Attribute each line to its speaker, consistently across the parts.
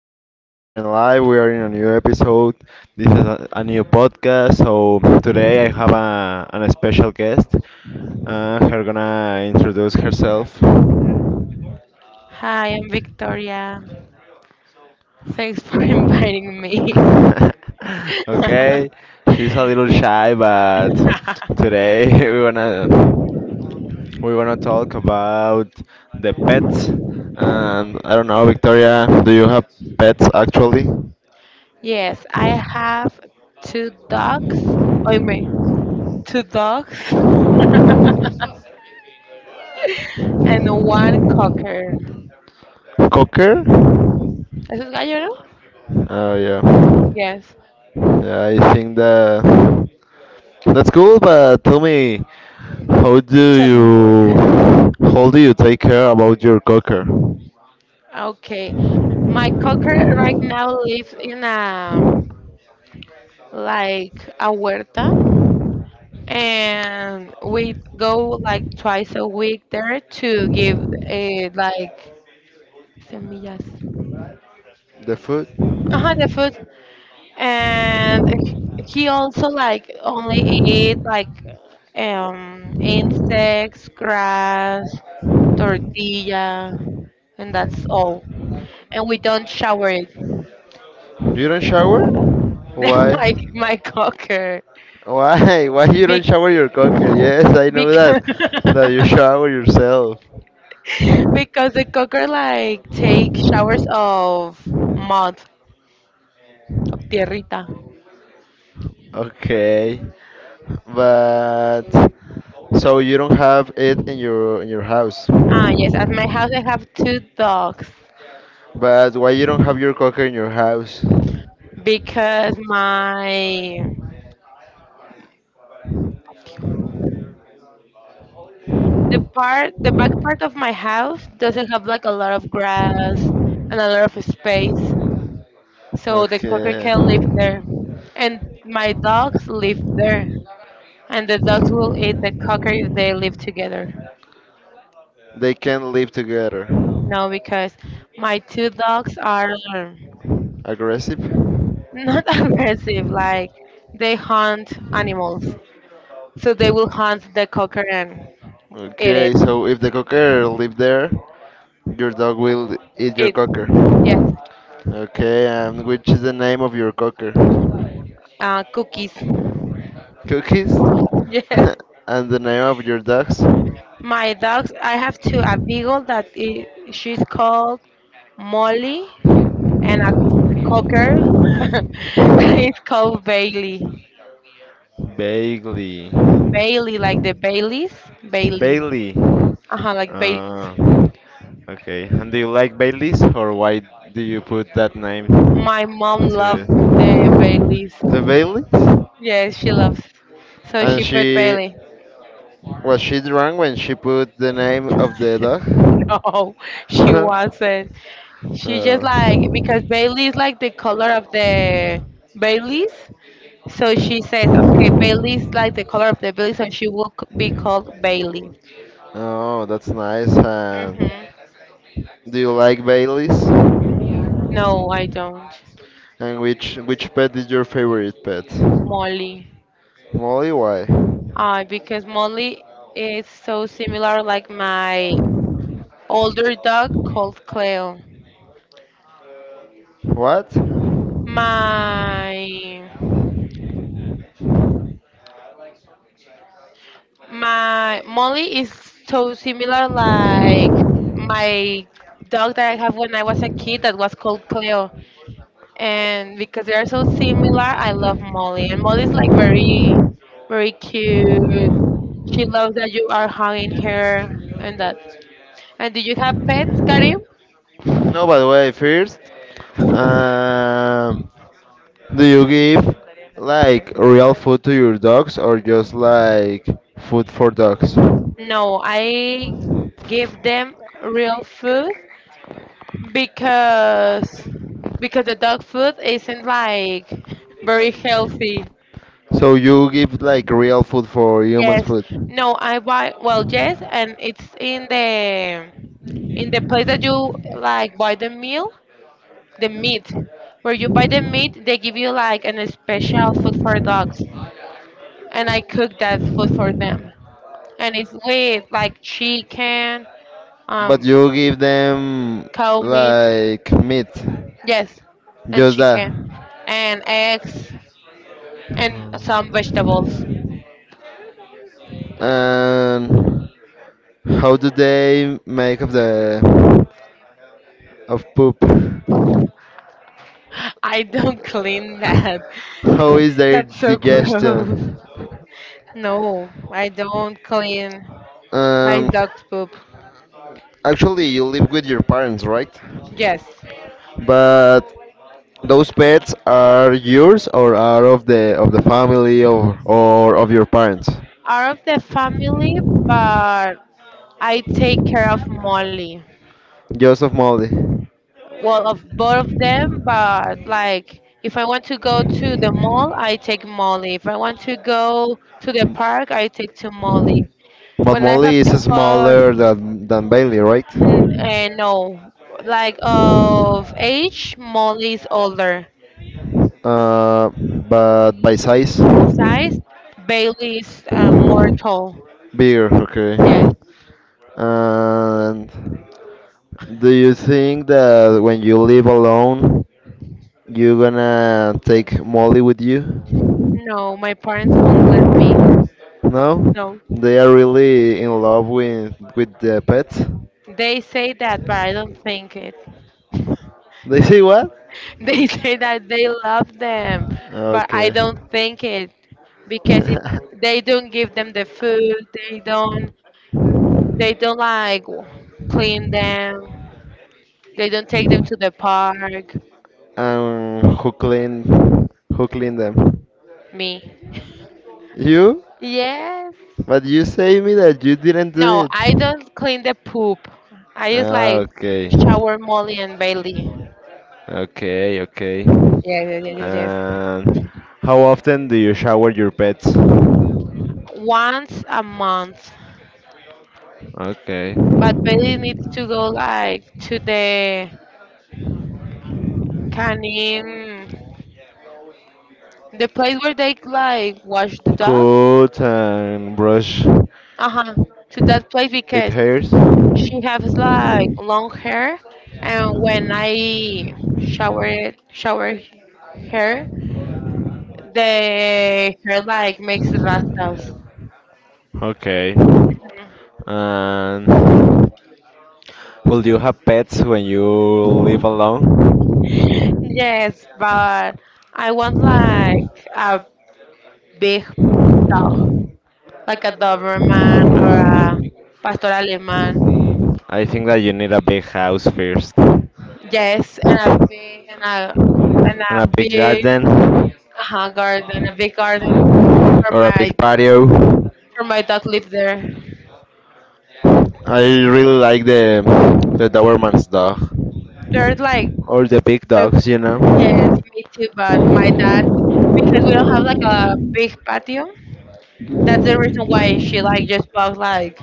Speaker 1: Here we are in live. We are in a new episode. This is a new podcast. So today I have a, an special guest. Her gonna introduce herself.
Speaker 2: Hi, I'm Victoria. Thanks for inviting me.
Speaker 1: Okay, she's a little shy, but today we wanna. We're gonna talk about the pets. And I don't know, Victoria, do you have pets actually?
Speaker 2: Yes, I have two dogs. Oh, me, two dogs and one cocker.
Speaker 1: Cocker?
Speaker 2: ¿Eso es gallo, no?
Speaker 1: Oh yeah.
Speaker 2: Yes.
Speaker 1: Yeah, I think that that's cool. But tell me, how do
Speaker 2: Tell me more.
Speaker 1: you how do you take care about your cocker?
Speaker 2: Okay. My cocker right now lives in a like a huerta, and we go like twice a week there to give a like semillas.
Speaker 1: The food?
Speaker 2: Uh-huh, the food, and he also like only ate like insects, grass, tortilla, and that's all, and we don't shower it.
Speaker 1: You don't shower?
Speaker 2: That's my
Speaker 1: Why?
Speaker 2: cocker
Speaker 1: Why? Why you don't
Speaker 2: big
Speaker 1: shower your cocker? Yes, I know
Speaker 2: because
Speaker 1: that that you shower yourself.
Speaker 2: because the cocker like take showers of mud, of tierrita.
Speaker 1: Okay, but so you don't have it in your house.
Speaker 2: Ah, yes, at my house I have two dogs
Speaker 1: But why you don't have your cocker in your house?
Speaker 2: because my. The part, the back part of my house doesn't have like a lot of grass and a lot of space, so the cocker
Speaker 1: Okay.
Speaker 2: can live there, and my dogs live there, and the dogs will eat the cocker if they live together.
Speaker 1: They can live together.
Speaker 2: No, because my two dogs are
Speaker 1: Aggressive.
Speaker 2: not aggressive, like they hunt animals, so they will hunt the cocker and eat
Speaker 1: Okay,
Speaker 2: it.
Speaker 1: so if the cocker live there, your dog will eat your
Speaker 2: Eat,
Speaker 1: cocker.
Speaker 2: yes,
Speaker 1: Okay, and which is the name of your cocker?
Speaker 2: cookies.
Speaker 1: Cookies?
Speaker 2: Yes.
Speaker 1: And the name of your dogs?
Speaker 2: My dogs, I have two, a beagle that i, she's called Molly, and a cocker it's called Bailey.
Speaker 1: Bailey.
Speaker 2: Bailey, like the Baileys, Bailey.
Speaker 1: Bailey.
Speaker 2: Uh-huh, like Baileys.
Speaker 1: Ah, okay. And do you like Baileys or why do you put that name
Speaker 2: My mom
Speaker 1: to it?
Speaker 2: loved the Baileys.
Speaker 1: The Baileys?
Speaker 2: Yes, she loves. So
Speaker 1: And
Speaker 2: she put
Speaker 1: she,
Speaker 2: Bailey.
Speaker 1: was she drunk when she put the name of the dog?
Speaker 2: No, she wasn't. She just like
Speaker 1: Oh,
Speaker 2: because Bailey is like the color of the Baileys. So she says, okay, Bailey's like the color of the Bailey, so she will c- be called Bailey.
Speaker 1: oh, that's nice. And
Speaker 2: Hmm.
Speaker 1: do you like Baileys?
Speaker 2: No, I don't.
Speaker 1: And which pet is your favorite pet?
Speaker 2: Molly.
Speaker 1: Molly, why?
Speaker 2: Because Molly is so similar like my older dog called Cleo.
Speaker 1: What?
Speaker 2: My my Molly is so similar like my dog that I have when I was a kid that was called Cleo. And because they are so similar, I love Molly. And Molly's like very, very cute. She loves that you are hugging her and that. And do you have pets, Karim?
Speaker 1: No, by the way, first, um, do you give like real food to your dogs or just like food for dogs?
Speaker 2: No, I give them real food because because the dog food isn't like very healthy.
Speaker 1: So you give like real food for humans
Speaker 2: Yes.
Speaker 1: food,
Speaker 2: No, I buy well yes, and it's in the, in the place that you like buy the meal, the meat, where you buy the meat they give you like an special food for dogs, and I cook that food for them, and it's with like chicken,
Speaker 1: but
Speaker 2: um
Speaker 1: you give them
Speaker 2: cow meat,
Speaker 1: like meat,
Speaker 2: yes, and
Speaker 1: just that.
Speaker 2: chicken and eggs and some vegetables.
Speaker 1: And how do they make of the of poop?
Speaker 2: I don't clean that.
Speaker 1: How is their
Speaker 2: That's so gross.
Speaker 1: digestion?
Speaker 2: No, I don't clean my
Speaker 1: Um,
Speaker 2: dog's poop.
Speaker 1: actually, you live with your parents, right?
Speaker 2: Yes,
Speaker 1: But those pets are yours or are of the family or of your parents?
Speaker 2: out of the family, but I take care of Molly.
Speaker 1: Joseph Molly.
Speaker 2: Well, of both of them, but like if I want to go to the mall, I take Molly. If I want to go to the park, I take to Molly.
Speaker 1: But
Speaker 2: When I
Speaker 1: Molly
Speaker 2: have to
Speaker 1: is
Speaker 2: buy,
Speaker 1: smaller than Bailey, right?
Speaker 2: no, like of age, Molly is older.
Speaker 1: But by size,
Speaker 2: Size, Bailey is more tall.
Speaker 1: bigger.
Speaker 2: Yes.
Speaker 1: Okay. And do you think that when you live alone, you're gonna take Molly with you?
Speaker 2: No, my parents won't let me.
Speaker 1: No?
Speaker 2: No,
Speaker 1: They are really in love with the pet.
Speaker 2: they say that, but I don't think it.
Speaker 1: They say what?
Speaker 2: They say that they love them, but I
Speaker 1: Okay.
Speaker 2: don't think it because if they don't give them the food, they don't, they don't like clean them. They don't take them to the park.
Speaker 1: um, who clean, who clean them?
Speaker 2: Me.
Speaker 1: You?
Speaker 2: Yes.
Speaker 1: But you say me that you didn't do
Speaker 2: No,
Speaker 1: it.
Speaker 2: I don't clean the poop. I just
Speaker 1: Ah,
Speaker 2: like
Speaker 1: okay.
Speaker 2: shower Molly and Bailey.
Speaker 1: Okay, okay.
Speaker 2: Yes, yes, yes, yes. Yes.
Speaker 1: And how often do you shower your pets?
Speaker 2: Once a month.
Speaker 1: Okay.
Speaker 2: But Bailey needs to go like to the canine, the place where they like wash the dogs.
Speaker 1: Coat and brush
Speaker 2: Uh huh. To that place
Speaker 1: it
Speaker 2: because
Speaker 1: hairs?
Speaker 2: she has like long hair, and when I shower her, the hair like makes rastas.
Speaker 1: Okay.
Speaker 2: Mhm.
Speaker 1: And will you have pets when you live alone?
Speaker 2: Yes, but I want like a big dog, like a Doberman or a Pastor Alemán.
Speaker 1: I think that you need a big house first.
Speaker 2: Yes, and a, and a,
Speaker 1: And
Speaker 2: and a
Speaker 1: a big big
Speaker 2: big
Speaker 1: garden.
Speaker 2: garden, a big garden for
Speaker 1: Or a big
Speaker 2: my,
Speaker 1: pets. Patio.
Speaker 2: for my dog live there.
Speaker 1: I really like the Doberman's dog.
Speaker 2: They're like
Speaker 1: Or the big
Speaker 2: so
Speaker 1: dogs, you
Speaker 2: yes,
Speaker 1: know.
Speaker 2: me too, but my dad because we don't have like a big patio. That's the reason why she like just bought like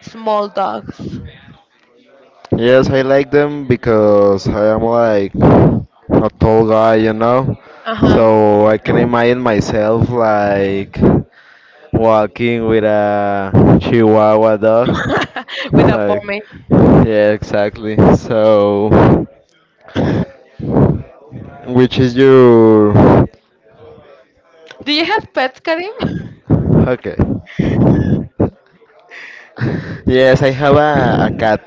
Speaker 2: small dogs.
Speaker 1: Yes, I like them because I am like a tall guy, you know?
Speaker 2: Uh huh.
Speaker 1: So I can imagine myself like walking with a Chihuahua dog.
Speaker 2: With a
Speaker 1: Like,
Speaker 2: pomade.
Speaker 1: yeah, exactly. So, which is your.
Speaker 2: Do you have pets, Karim?
Speaker 1: Okay. Yes, I have a cat.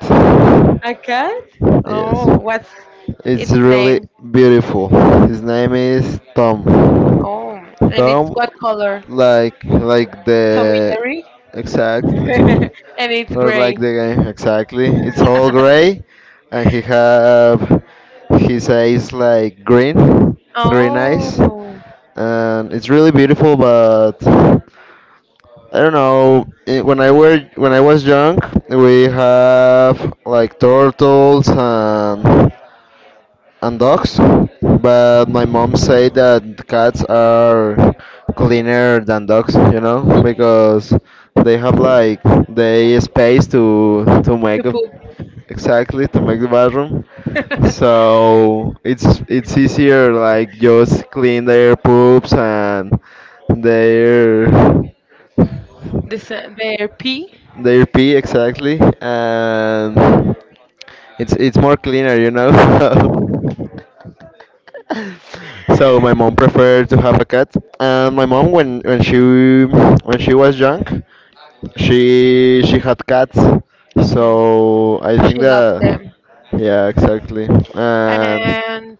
Speaker 2: A
Speaker 1: A
Speaker 2: cat?
Speaker 1: cat? Yes.
Speaker 2: Oh,
Speaker 1: Oh,
Speaker 2: what's
Speaker 1: it's
Speaker 2: its
Speaker 1: really
Speaker 2: name?
Speaker 1: beautiful. His name is Tom.
Speaker 2: Oh,
Speaker 1: Oh,
Speaker 2: and it's
Speaker 1: Tom,
Speaker 2: what color?
Speaker 1: like
Speaker 2: Tommy
Speaker 1: the
Speaker 2: Jerry?
Speaker 1: exactly,
Speaker 2: And it's
Speaker 1: or
Speaker 2: gray.
Speaker 1: like the guy exactly. It's all gray, and he have his eyes like green. Oh, green eyes,
Speaker 2: Oh,
Speaker 1: and it's really beautiful. But I don't know. When I were when I was young, we have like turtles and dogs, but my mom said that cats are cleaner than dogs, you know, because they have like they space to make
Speaker 2: to
Speaker 1: a,
Speaker 2: poop.
Speaker 1: exactly to make the bathroom. So it's easier like just clean their poops and their
Speaker 2: This their pee.
Speaker 1: their pee exactly and it's more cleaner, you know. So my mom preferred to have a cat, and my mom when she was young, she had cats.
Speaker 2: Okay,
Speaker 1: So I think
Speaker 2: she loves
Speaker 1: that
Speaker 2: them.
Speaker 1: yeah, exactly. And
Speaker 2: And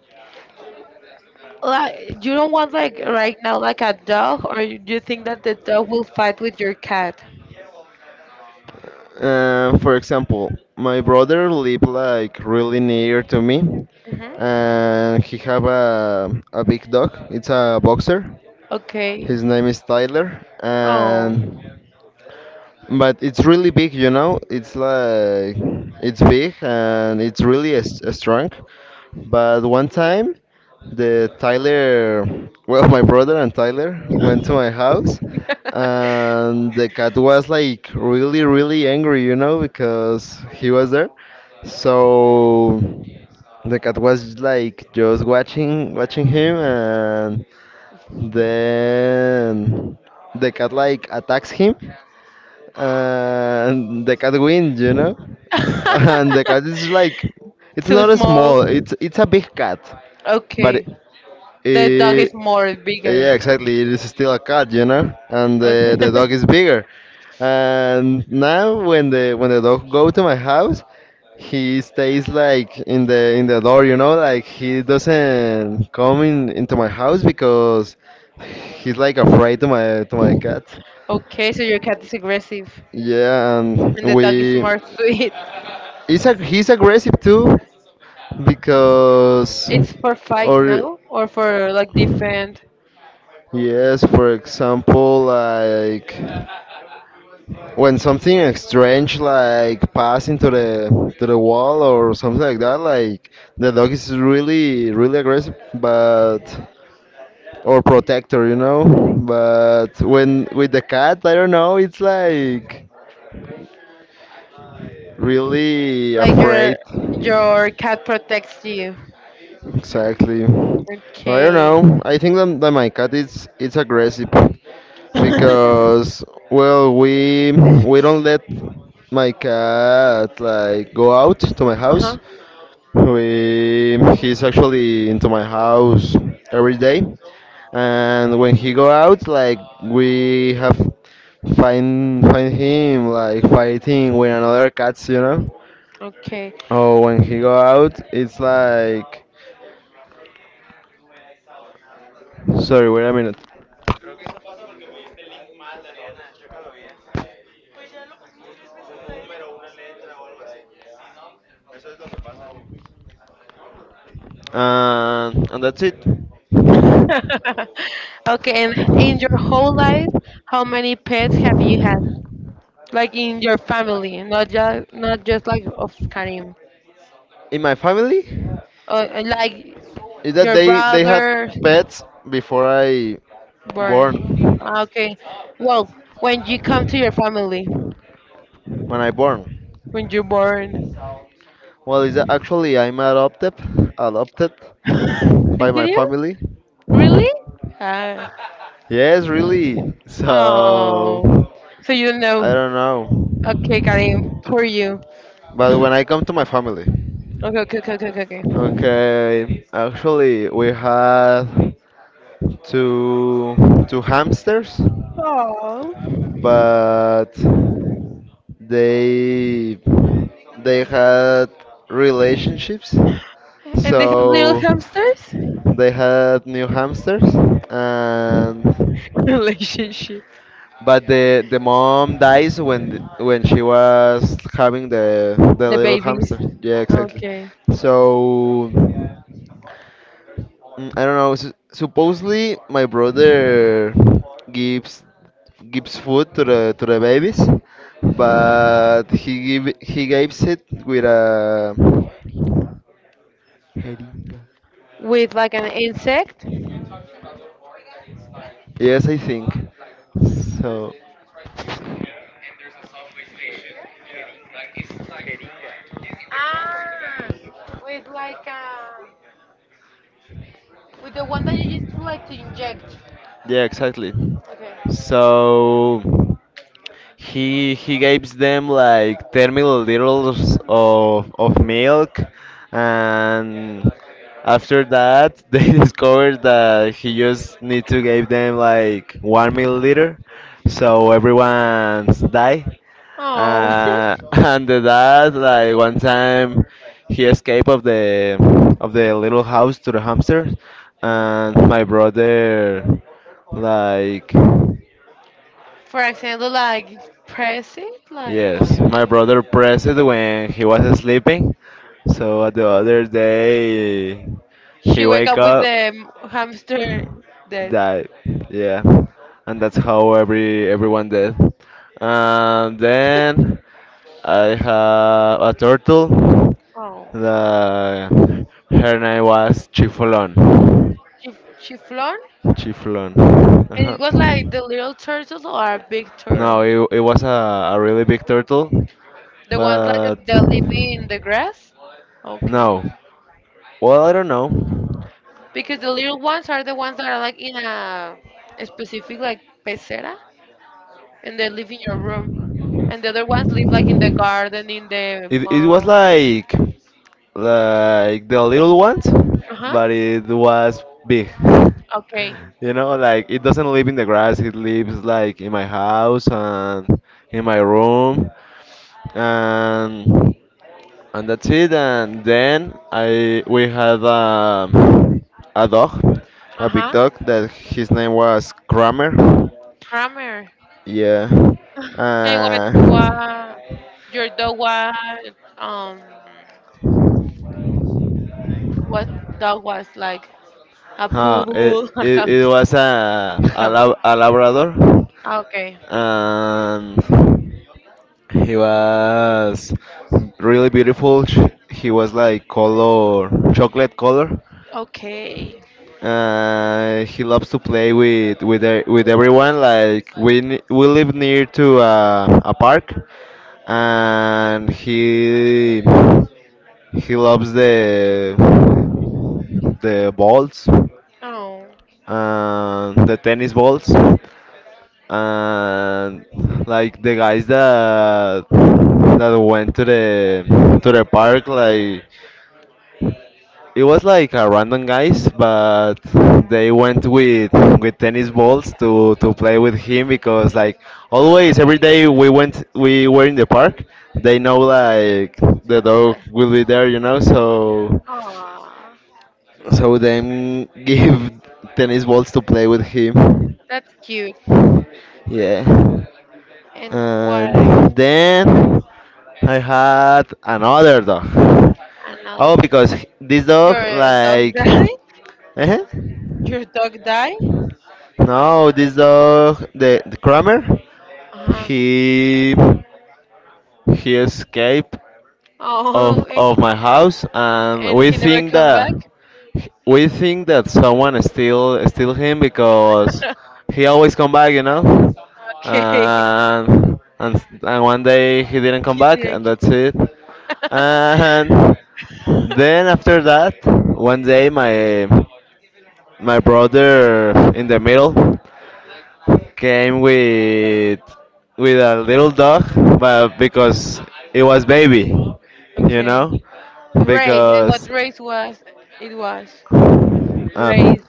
Speaker 2: like, you don't want like right now like a dog, or you, do you think that the dog will fight with your cat?
Speaker 1: for example, my brother lived like really near to me,
Speaker 2: Hmm.
Speaker 1: and he have a big dog. It's a boxer.
Speaker 2: Okay.
Speaker 1: His name is Tyler,
Speaker 2: Oh.
Speaker 1: and but it's really big, you know. It's like it's big and it's really a, strong. But one time, the Tyler, well, my brother and Tyler went to my house, and the cat was like really, really angry, you know, because he was there. So the cat was like just watching him, and then the cat like attacks him and the cat wins, you know. And the cat is like, it's
Speaker 2: Too
Speaker 1: not a
Speaker 2: small.
Speaker 1: small, it's a big cat, but
Speaker 2: Okay. The dog is
Speaker 1: it,
Speaker 2: more bigger.
Speaker 1: yeah, exactly, it is still a cat, you know. And the
Speaker 2: Okay.
Speaker 1: dog is bigger. And now when the dog go to my house, he stays like in the door, you know, like he doesn't come in into my house because he's like afraid to my cat.
Speaker 2: Okay, so your cat is aggressive
Speaker 1: Yeah, and
Speaker 2: and the dog is
Speaker 1: we.
Speaker 2: more sweet.
Speaker 1: He's aggressive too, because
Speaker 2: It's for fight
Speaker 1: or
Speaker 2: now or for like defend?
Speaker 1: yes, for example, like when something strange like pass into the to the wall or something like that, like the dog is really really aggressive, but or protector, you know. But when with the cat, I don't know, it's like. Really
Speaker 2: Like your
Speaker 1: afraid.
Speaker 2: your cat protects you.
Speaker 1: Exactly. Or I don't know.
Speaker 2: Okay.
Speaker 1: I think that, that my cat is it's aggressive
Speaker 2: Uh-huh.
Speaker 1: because well we don't let my cat like go out to my house. We he's actually into my house every day, and when he go out, like we have find him like fighting with another cats, you know.
Speaker 2: Okay.
Speaker 1: Oh, when he go out, it's like, sorry, wait a minute, and that's it.
Speaker 2: Okay, and in your whole life, how many pets have you had? Like in your family, not just, not just like of Karim.
Speaker 1: In my family,
Speaker 2: Or like
Speaker 1: is that
Speaker 2: your
Speaker 1: they had
Speaker 2: brother
Speaker 1: pets before I
Speaker 2: born.
Speaker 1: born,
Speaker 2: Ah, okay. Well, when you come to your family,
Speaker 1: when I born.
Speaker 2: when you're born.
Speaker 1: Well, is that actually I'm adopted by my
Speaker 2: Did you?
Speaker 1: family.
Speaker 2: Really? Uh,
Speaker 1: Yes, really. So
Speaker 2: oh. So you don't know.
Speaker 1: I don't know,
Speaker 2: Okay, Karim, for you.
Speaker 1: but when I come to my family,
Speaker 2: Okay, okay, okay, okay, okay.
Speaker 1: okay, actually we had. to to hamsters,
Speaker 2: Oh.
Speaker 1: but they they had relationships,
Speaker 2: And they have little
Speaker 1: so
Speaker 2: hamsters?
Speaker 1: they had new hamsters, and
Speaker 2: Relationship.
Speaker 1: but the mom dies when when she was having the
Speaker 2: The
Speaker 1: little
Speaker 2: babies.
Speaker 1: hamster. Yeah, exactly.
Speaker 2: Okay.
Speaker 1: So. I don't know. S Supposedly, my brother gives gives food to the babies, but he give he gives it with a heringa.
Speaker 2: With like an insect?
Speaker 1: Yes, I think. So,
Speaker 2: Ah, with like with the one that you used to like to inject.
Speaker 1: yeah, exactly.
Speaker 2: Okay.
Speaker 1: So. He gives them like 10 milliliters of milk, and after that they discovered that he just need to give them like 1 milliliter, so everyone's die.
Speaker 2: Oh.
Speaker 1: Uh, and the dad, like one time, he escaped of the little house to the hamsters,
Speaker 2: Uh-huh.
Speaker 1: and my brother, like.
Speaker 2: For example, like press it, like
Speaker 1: Yes, my brother pressed it when he was sleeping. So the other day
Speaker 2: she
Speaker 1: he
Speaker 2: wake
Speaker 1: wake
Speaker 2: up with
Speaker 1: up,
Speaker 2: the hamster
Speaker 1: died.
Speaker 2: dead.
Speaker 1: Died. Yeah, and that's how every everyone did. And then I have a turtle.
Speaker 2: Oh.
Speaker 1: The her name was Chiflon.
Speaker 2: Chif- chiffon,
Speaker 1: Chiflon.
Speaker 2: and
Speaker 1: Uh-huh.
Speaker 2: it was like the little turtle or a big
Speaker 1: No,
Speaker 2: turtle,
Speaker 1: it was a really big turtle,
Speaker 2: the ones like
Speaker 1: but
Speaker 2: that live in the grass. Okay,
Speaker 1: no. Well, I don't know.
Speaker 2: because the little ones are the ones that are like in a specific like pecera, and they live in your room, and the other ones live like in the garden, in the
Speaker 1: In the It, it was
Speaker 2: moss.
Speaker 1: like the little ones,
Speaker 2: Uh huh.
Speaker 1: but it was big.
Speaker 2: Okay.
Speaker 1: You know, like it doesn't live in the grass. It lives like in my house and in my room, and and that's it. And then I we had a dog,
Speaker 2: Uh
Speaker 1: a big
Speaker 2: huh.
Speaker 1: dog that his name was Kramer.
Speaker 2: Kramer.
Speaker 1: Yeah.
Speaker 2: And what
Speaker 1: Uh,
Speaker 2: what your dog was um what dog was like a poodle, a
Speaker 1: it
Speaker 2: hamster.
Speaker 1: was a lab, a Labrador.
Speaker 2: Ah, okay.
Speaker 1: And he was really beautiful. He was like color, chocolate color.
Speaker 2: Okay.
Speaker 1: He loves to play with with everyone. Like we live near to a park, and he loves the balls
Speaker 2: Oh.
Speaker 1: and the tennis balls and like the guys that that went to the park like it was like a random guys, but they went with tennis balls to play with him because like
Speaker 2: Oh.
Speaker 1: always every day we were in the park. They know like the dog
Speaker 2: The-
Speaker 1: will be there, you know. So
Speaker 2: aw,
Speaker 1: so them give tennis balls to play with him.
Speaker 2: that's cute.
Speaker 1: Yeah,
Speaker 2: And what else?
Speaker 1: and then I had another dog.
Speaker 2: Another.
Speaker 1: Oh, because this dog
Speaker 2: Your dog
Speaker 1: like.
Speaker 2: died?
Speaker 1: Uh-huh.
Speaker 2: Your dog died?
Speaker 1: No, this dog, the Kramer,
Speaker 2: Uh-huh.
Speaker 1: he he escaped
Speaker 2: Oh,
Speaker 1: of my house, and
Speaker 2: and he never come back?
Speaker 1: we think that someone steal him because he always come back, you know,
Speaker 2: Okay.
Speaker 1: and and one day he didn't come
Speaker 2: He
Speaker 1: back, and
Speaker 2: didn't.
Speaker 1: that's it, and then after that, one day my my brother in the middle came with a little dog, but because it was baby, you
Speaker 2: Okay.
Speaker 1: know,
Speaker 2: Race. And what
Speaker 1: because
Speaker 2: race was it was?
Speaker 1: um,
Speaker 2: Race.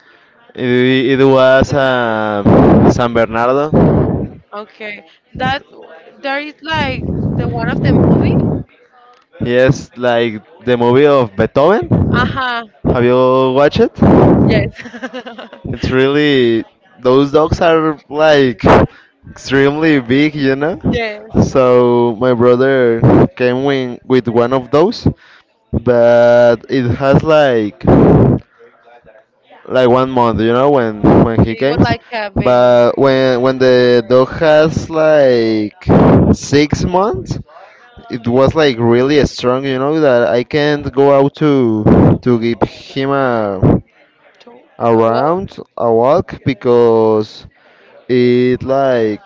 Speaker 1: it, it was a San Bernardo.
Speaker 2: Okay. That there is like the one of the movie?
Speaker 1: Yes, like the movie of Beethoven.
Speaker 2: Uh-huh.
Speaker 1: Have you watched it?
Speaker 2: Yes.
Speaker 1: It's really those dogs are like extremely big, you know.
Speaker 2: Yes.
Speaker 1: So my brother came in with one of those, but it has like 1 month, you know, when he
Speaker 2: Okay, it
Speaker 1: came.
Speaker 2: was like a baby
Speaker 1: But when the dog has like 6 months, it was like really strong, you know, that I can't go out to give him
Speaker 2: to
Speaker 1: a
Speaker 2: a walk.
Speaker 1: round, a walk because it like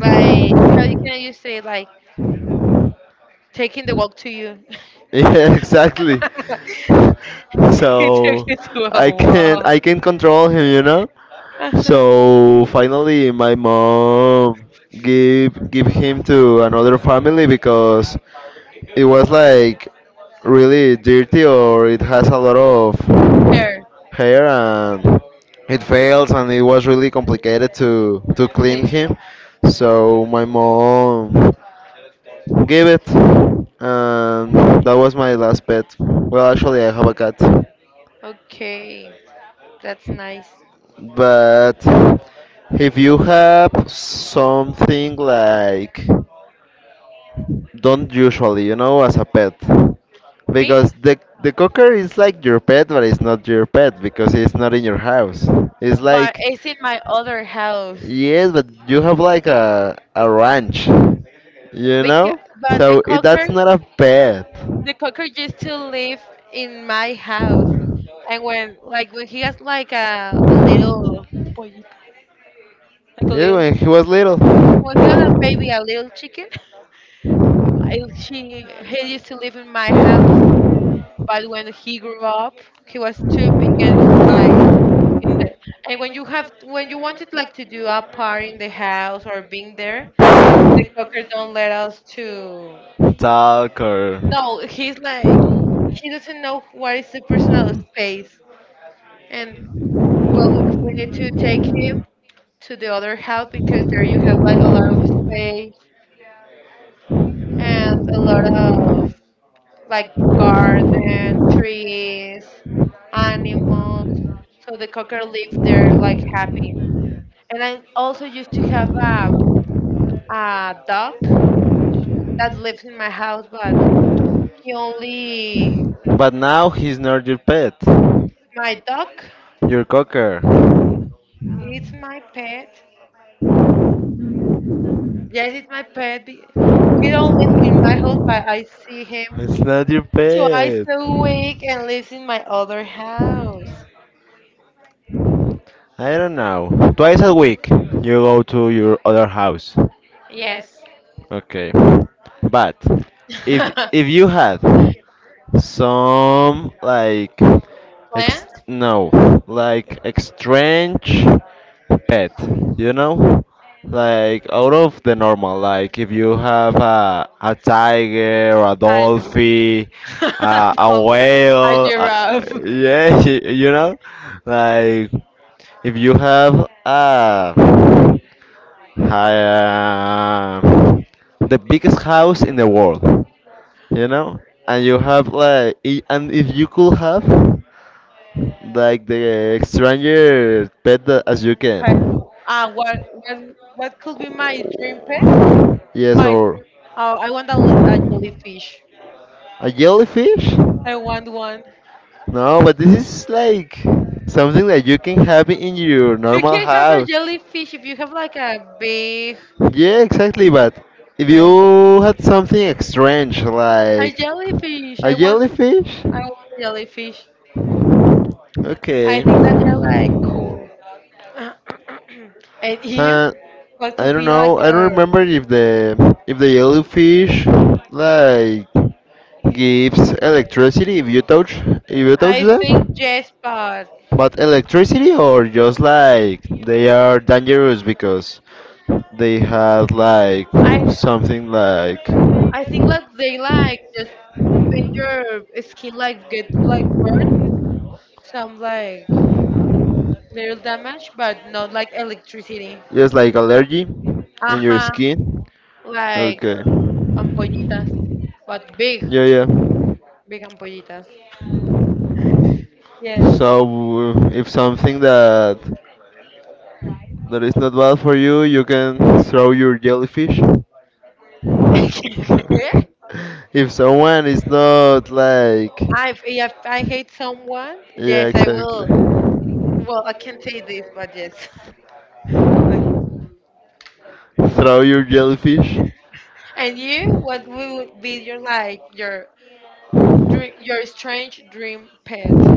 Speaker 2: Like how you can you say like taking the walk to you?
Speaker 1: yeah, exactly.
Speaker 2: He took
Speaker 1: So
Speaker 2: you to a walk.
Speaker 1: I can control him, you know.
Speaker 2: Uh-huh.
Speaker 1: So finally, my mom give him to another family because it was like really dirty or it has a lot of
Speaker 2: Hair
Speaker 1: hair and it fails and it was really complicated to clean
Speaker 2: clean.
Speaker 1: him. So my mom gave it, and that was my last pet. Well, actually, I have a cat,
Speaker 2: Okay, that's nice.
Speaker 1: but if you have something like don't usually, as a pet,
Speaker 2: Me?
Speaker 1: because the cocker is like your pet, but it's not your pet because it's not in your house. It's
Speaker 2: But
Speaker 1: like
Speaker 2: it's in my other house.
Speaker 1: yes, but you have like a ranch, you
Speaker 2: Because,
Speaker 1: know,
Speaker 2: but
Speaker 1: so that's not a pet.
Speaker 2: the cocker used to live in my house. And when, like, when he has like a little pollito, like a
Speaker 1: Yes,
Speaker 2: little,
Speaker 1: when he was little.
Speaker 2: when he was a baby, a little chicken, I, she he used to live in my house, but when he grew up, he was too big, and like in the, and when you have when you wanted like to do a party in the house or being there, the cocker don't let us to.
Speaker 1: Stalker.
Speaker 2: No, he's like he doesn't know what is the personal space, and well, we need to take him to the other house because there you have like a lot of space and a lot of like garden, trees, animals. So the cocker lives there like happy. And I also used to have a dog that lives in my house, but he only,
Speaker 1: But now he's not your pet,
Speaker 2: my dog.
Speaker 1: your cocker.
Speaker 2: It's my pet. Yes, it's my pet. Be- he don't live in my house, but I see him
Speaker 1: It's not your
Speaker 2: twice
Speaker 1: pet.
Speaker 2: a week and lives in my other house.
Speaker 1: I don't know. Twice a week you go to your other house.
Speaker 2: Yes.
Speaker 1: Okay. But if if you had some like
Speaker 2: Plants?
Speaker 1: no, like strange pet, you know, like out of the normal. Like if you have a tiger, a
Speaker 2: I know.
Speaker 1: dolphin, a
Speaker 2: Well, a
Speaker 1: whale,
Speaker 2: giraffe.
Speaker 1: yeah, you know, like if you have a the biggest house in the world, you know, and you have like and if you could have like the stranger pet as you can.
Speaker 2: But, uh, what, what what could be my dream pet?
Speaker 1: Yes,
Speaker 2: My
Speaker 1: or
Speaker 2: dr- I want a jellyfish.
Speaker 1: a jellyfish.
Speaker 2: I want one.
Speaker 1: No, but this is like something that you can have in your
Speaker 2: You
Speaker 1: normal
Speaker 2: can have a
Speaker 1: house.
Speaker 2: jellyfish if you have like a big,
Speaker 1: Yeah, exactly, but if
Speaker 2: big
Speaker 1: you had something strange
Speaker 2: a
Speaker 1: like
Speaker 2: jellyfish.
Speaker 1: a jellyfish.
Speaker 2: I want a jellyfish. I
Speaker 1: Okay.
Speaker 2: think that they're like cool. And you?
Speaker 1: Uh,
Speaker 2: What
Speaker 1: I
Speaker 2: could
Speaker 1: don't
Speaker 2: be like
Speaker 1: know. I don't
Speaker 2: your?
Speaker 1: remember if the yellowfish like gives electricity if you touch
Speaker 2: I think
Speaker 1: them.
Speaker 2: yes, but
Speaker 1: But electricity, or just like they are dangerous because they have like
Speaker 2: I
Speaker 1: something like
Speaker 2: I think like they like just make your skin like get like burnt with some like little damage, but not like electricity.
Speaker 1: just like allergy in your
Speaker 2: Aha,
Speaker 1: skin.
Speaker 2: like
Speaker 1: Okay.
Speaker 2: ampollitas, but big,
Speaker 1: Yeah, yeah.
Speaker 2: big ampollitas.
Speaker 1: Yeah.
Speaker 2: Yes.
Speaker 1: So if something that that is not bad for you, you can throw your jellyfish. If someone is not like.
Speaker 2: I have if I hate someone,
Speaker 1: Yeah,
Speaker 2: yes, I
Speaker 1: exactly.
Speaker 2: will. Well, I can't say this, but yes. Like,
Speaker 1: Throw your jellyfish.
Speaker 2: and you, what would be your like your dream, your strange dream pet?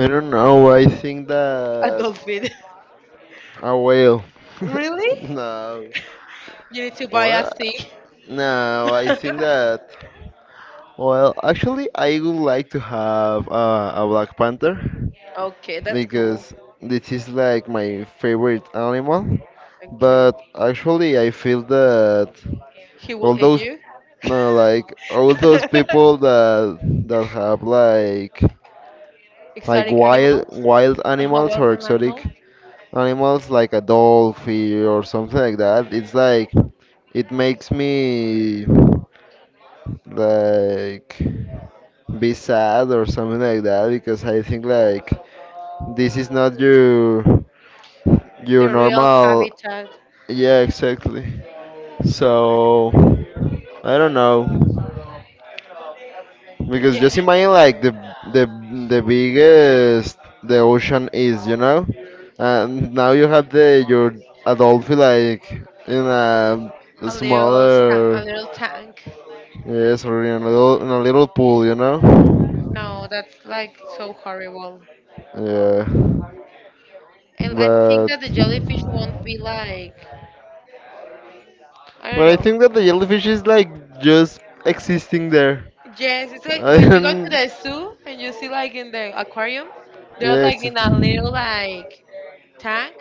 Speaker 1: I don't know. I think
Speaker 2: A
Speaker 1: that
Speaker 2: dolphin.
Speaker 1: a whale.
Speaker 2: Really?
Speaker 1: No.
Speaker 2: You need to buy a
Speaker 1: What?
Speaker 2: thing.
Speaker 1: No, I think that. Well, actually, I would like to have a Black Panther,
Speaker 2: Okay, that's cool.
Speaker 1: because this is like my favorite animal.
Speaker 2: Okay.
Speaker 1: But actually, I feel that
Speaker 2: He will
Speaker 1: all
Speaker 2: eat
Speaker 1: those,
Speaker 2: you.
Speaker 1: no, like all those people that that have like
Speaker 2: Exotic
Speaker 1: wild
Speaker 2: animals.
Speaker 1: wild animals or
Speaker 2: Western
Speaker 1: exotic
Speaker 2: animals.
Speaker 1: animals like a dolphin or something like that. It's like it makes me like. Be sad or something like that, because I think like this is not your your
Speaker 2: The real
Speaker 1: normal.
Speaker 2: habitat.
Speaker 1: Yeah, exactly, so I don't know, because
Speaker 2: Yeah.
Speaker 1: just imagine like the the biggest the ocean is, you know, and now you have the your adult feel like in a
Speaker 2: A little sta- a
Speaker 1: smaller,
Speaker 2: little tank.
Speaker 1: yes, or in a little pool, you know.
Speaker 2: No, that's like so horrible.
Speaker 1: Yeah.
Speaker 2: And I think
Speaker 1: But
Speaker 2: that the jellyfish won't be like I don't
Speaker 1: but I
Speaker 2: know.
Speaker 1: think that the jellyfish is like just existing there.
Speaker 2: Yes, it's like
Speaker 1: I
Speaker 2: when you go to
Speaker 1: don't.
Speaker 2: the zoo and you see like in the aquarium, they're
Speaker 1: Yeah,
Speaker 2: like in a
Speaker 1: existing.
Speaker 2: little like tank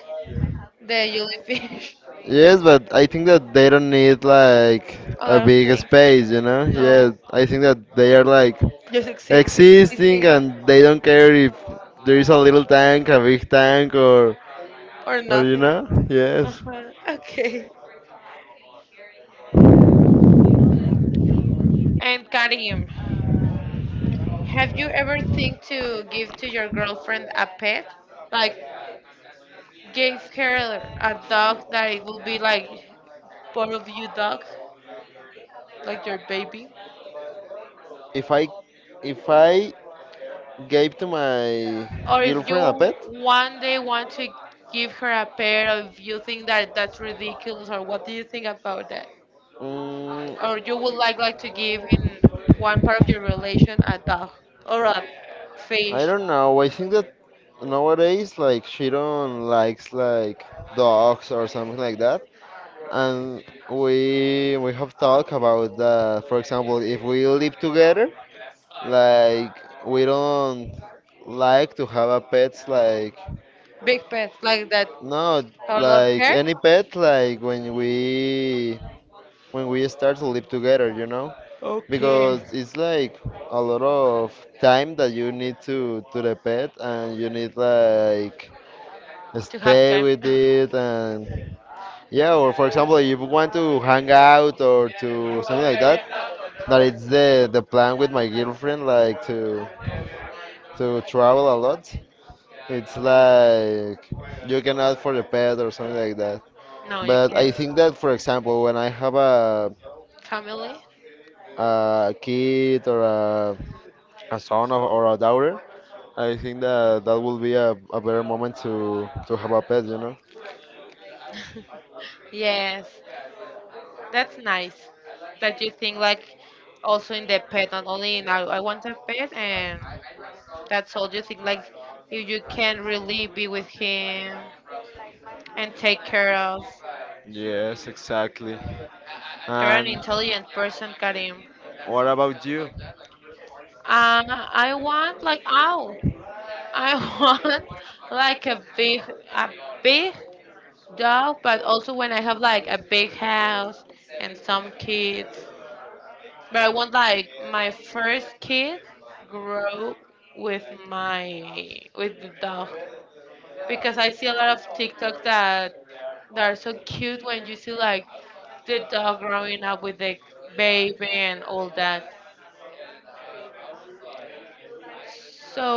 Speaker 2: the jellyfish,
Speaker 1: Yes, but I think that they don't need like
Speaker 2: a
Speaker 1: a
Speaker 2: lot of
Speaker 1: big
Speaker 2: things.
Speaker 1: space, you know? Yeah,
Speaker 2: No,
Speaker 1: I think that they are like
Speaker 2: just exi-
Speaker 1: existing
Speaker 2: existing
Speaker 1: and they don't care if there is a little tank, a big tank, or.
Speaker 2: or nothing.
Speaker 1: Arena? Yes.
Speaker 2: Uh-huh. Okay. And Karim, have you ever think to give to your girlfriend a pet? Like gave her a dog that it would be like part of you dog, like your baby?
Speaker 1: If I if I gave to my
Speaker 2: Or if you
Speaker 1: girlfriend a pet,
Speaker 2: one day want to give her a pet, or if you think that that's ridiculous, or what do you think about that?
Speaker 1: mm,
Speaker 2: Or you would like to give in one part of your relation a dog or a
Speaker 1: I
Speaker 2: fish,
Speaker 1: don't know. I think that nowadays like she don't likes like dogs or something like that. And we have talked about that. For example, if we live together, like we don't like to have a pets like
Speaker 2: big pet like that?
Speaker 1: no
Speaker 2: How I love
Speaker 1: like
Speaker 2: care.
Speaker 1: any pet like when we start to live together, you know,
Speaker 2: Okay.
Speaker 1: because it's like a lot of time that you need to the pet and you need like
Speaker 2: To have
Speaker 1: stay
Speaker 2: time.
Speaker 1: with it and yeah, or for example, if you want to hang out or to something like that, that it's the plan with my girlfriend, like to travel a lot. It's like you can ask for the pet or something like that.
Speaker 2: No, you
Speaker 1: But I
Speaker 2: can't.
Speaker 1: think that, for example, when I have
Speaker 2: Family.
Speaker 1: a kid or a son or a daughter, I think that that will be a better moment to have a pet, you know.
Speaker 2: Yes, that's nice. That you think like also in the pet, not only in I want a pet, and that's all. You think like if you can really be with him and take care of.
Speaker 1: Yes, exactly.
Speaker 2: You're an
Speaker 1: And
Speaker 2: intelligent person, Karim.
Speaker 1: what about you?
Speaker 2: Uh, I want like owl. I want like a big, a big dog, but also when I have like a big house and some kids. But I want like my first kid grow with my, with the dog because I see a lot of TikTok that that are so cute when you see like the dog growing up with the baby and all that.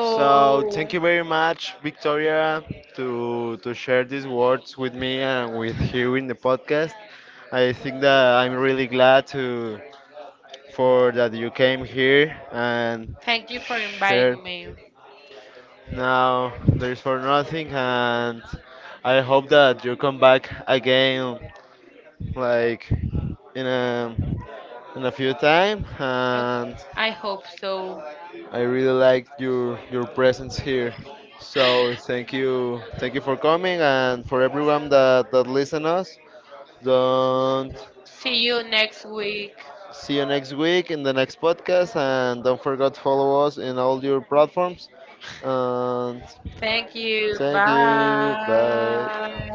Speaker 1: So thank you very much, Victoria, to share these words with me and with you in the podcast. I think that I'm really glad to for that you came here and
Speaker 2: thank you for
Speaker 1: shared.
Speaker 2: inviting me.
Speaker 1: Now there's for nothing, and I hope that you come back again, like in a in a few time,
Speaker 2: Ok,
Speaker 1: and
Speaker 2: I hope so.
Speaker 1: I really like your presence here. So thank you for coming, and for everyone that that listen us. Don't
Speaker 2: See you next week.
Speaker 1: see you next week in the next podcast, and don't forget to follow us in all your platforms. And
Speaker 2: Thank you.
Speaker 1: thank you.
Speaker 2: Bye.
Speaker 1: Bye.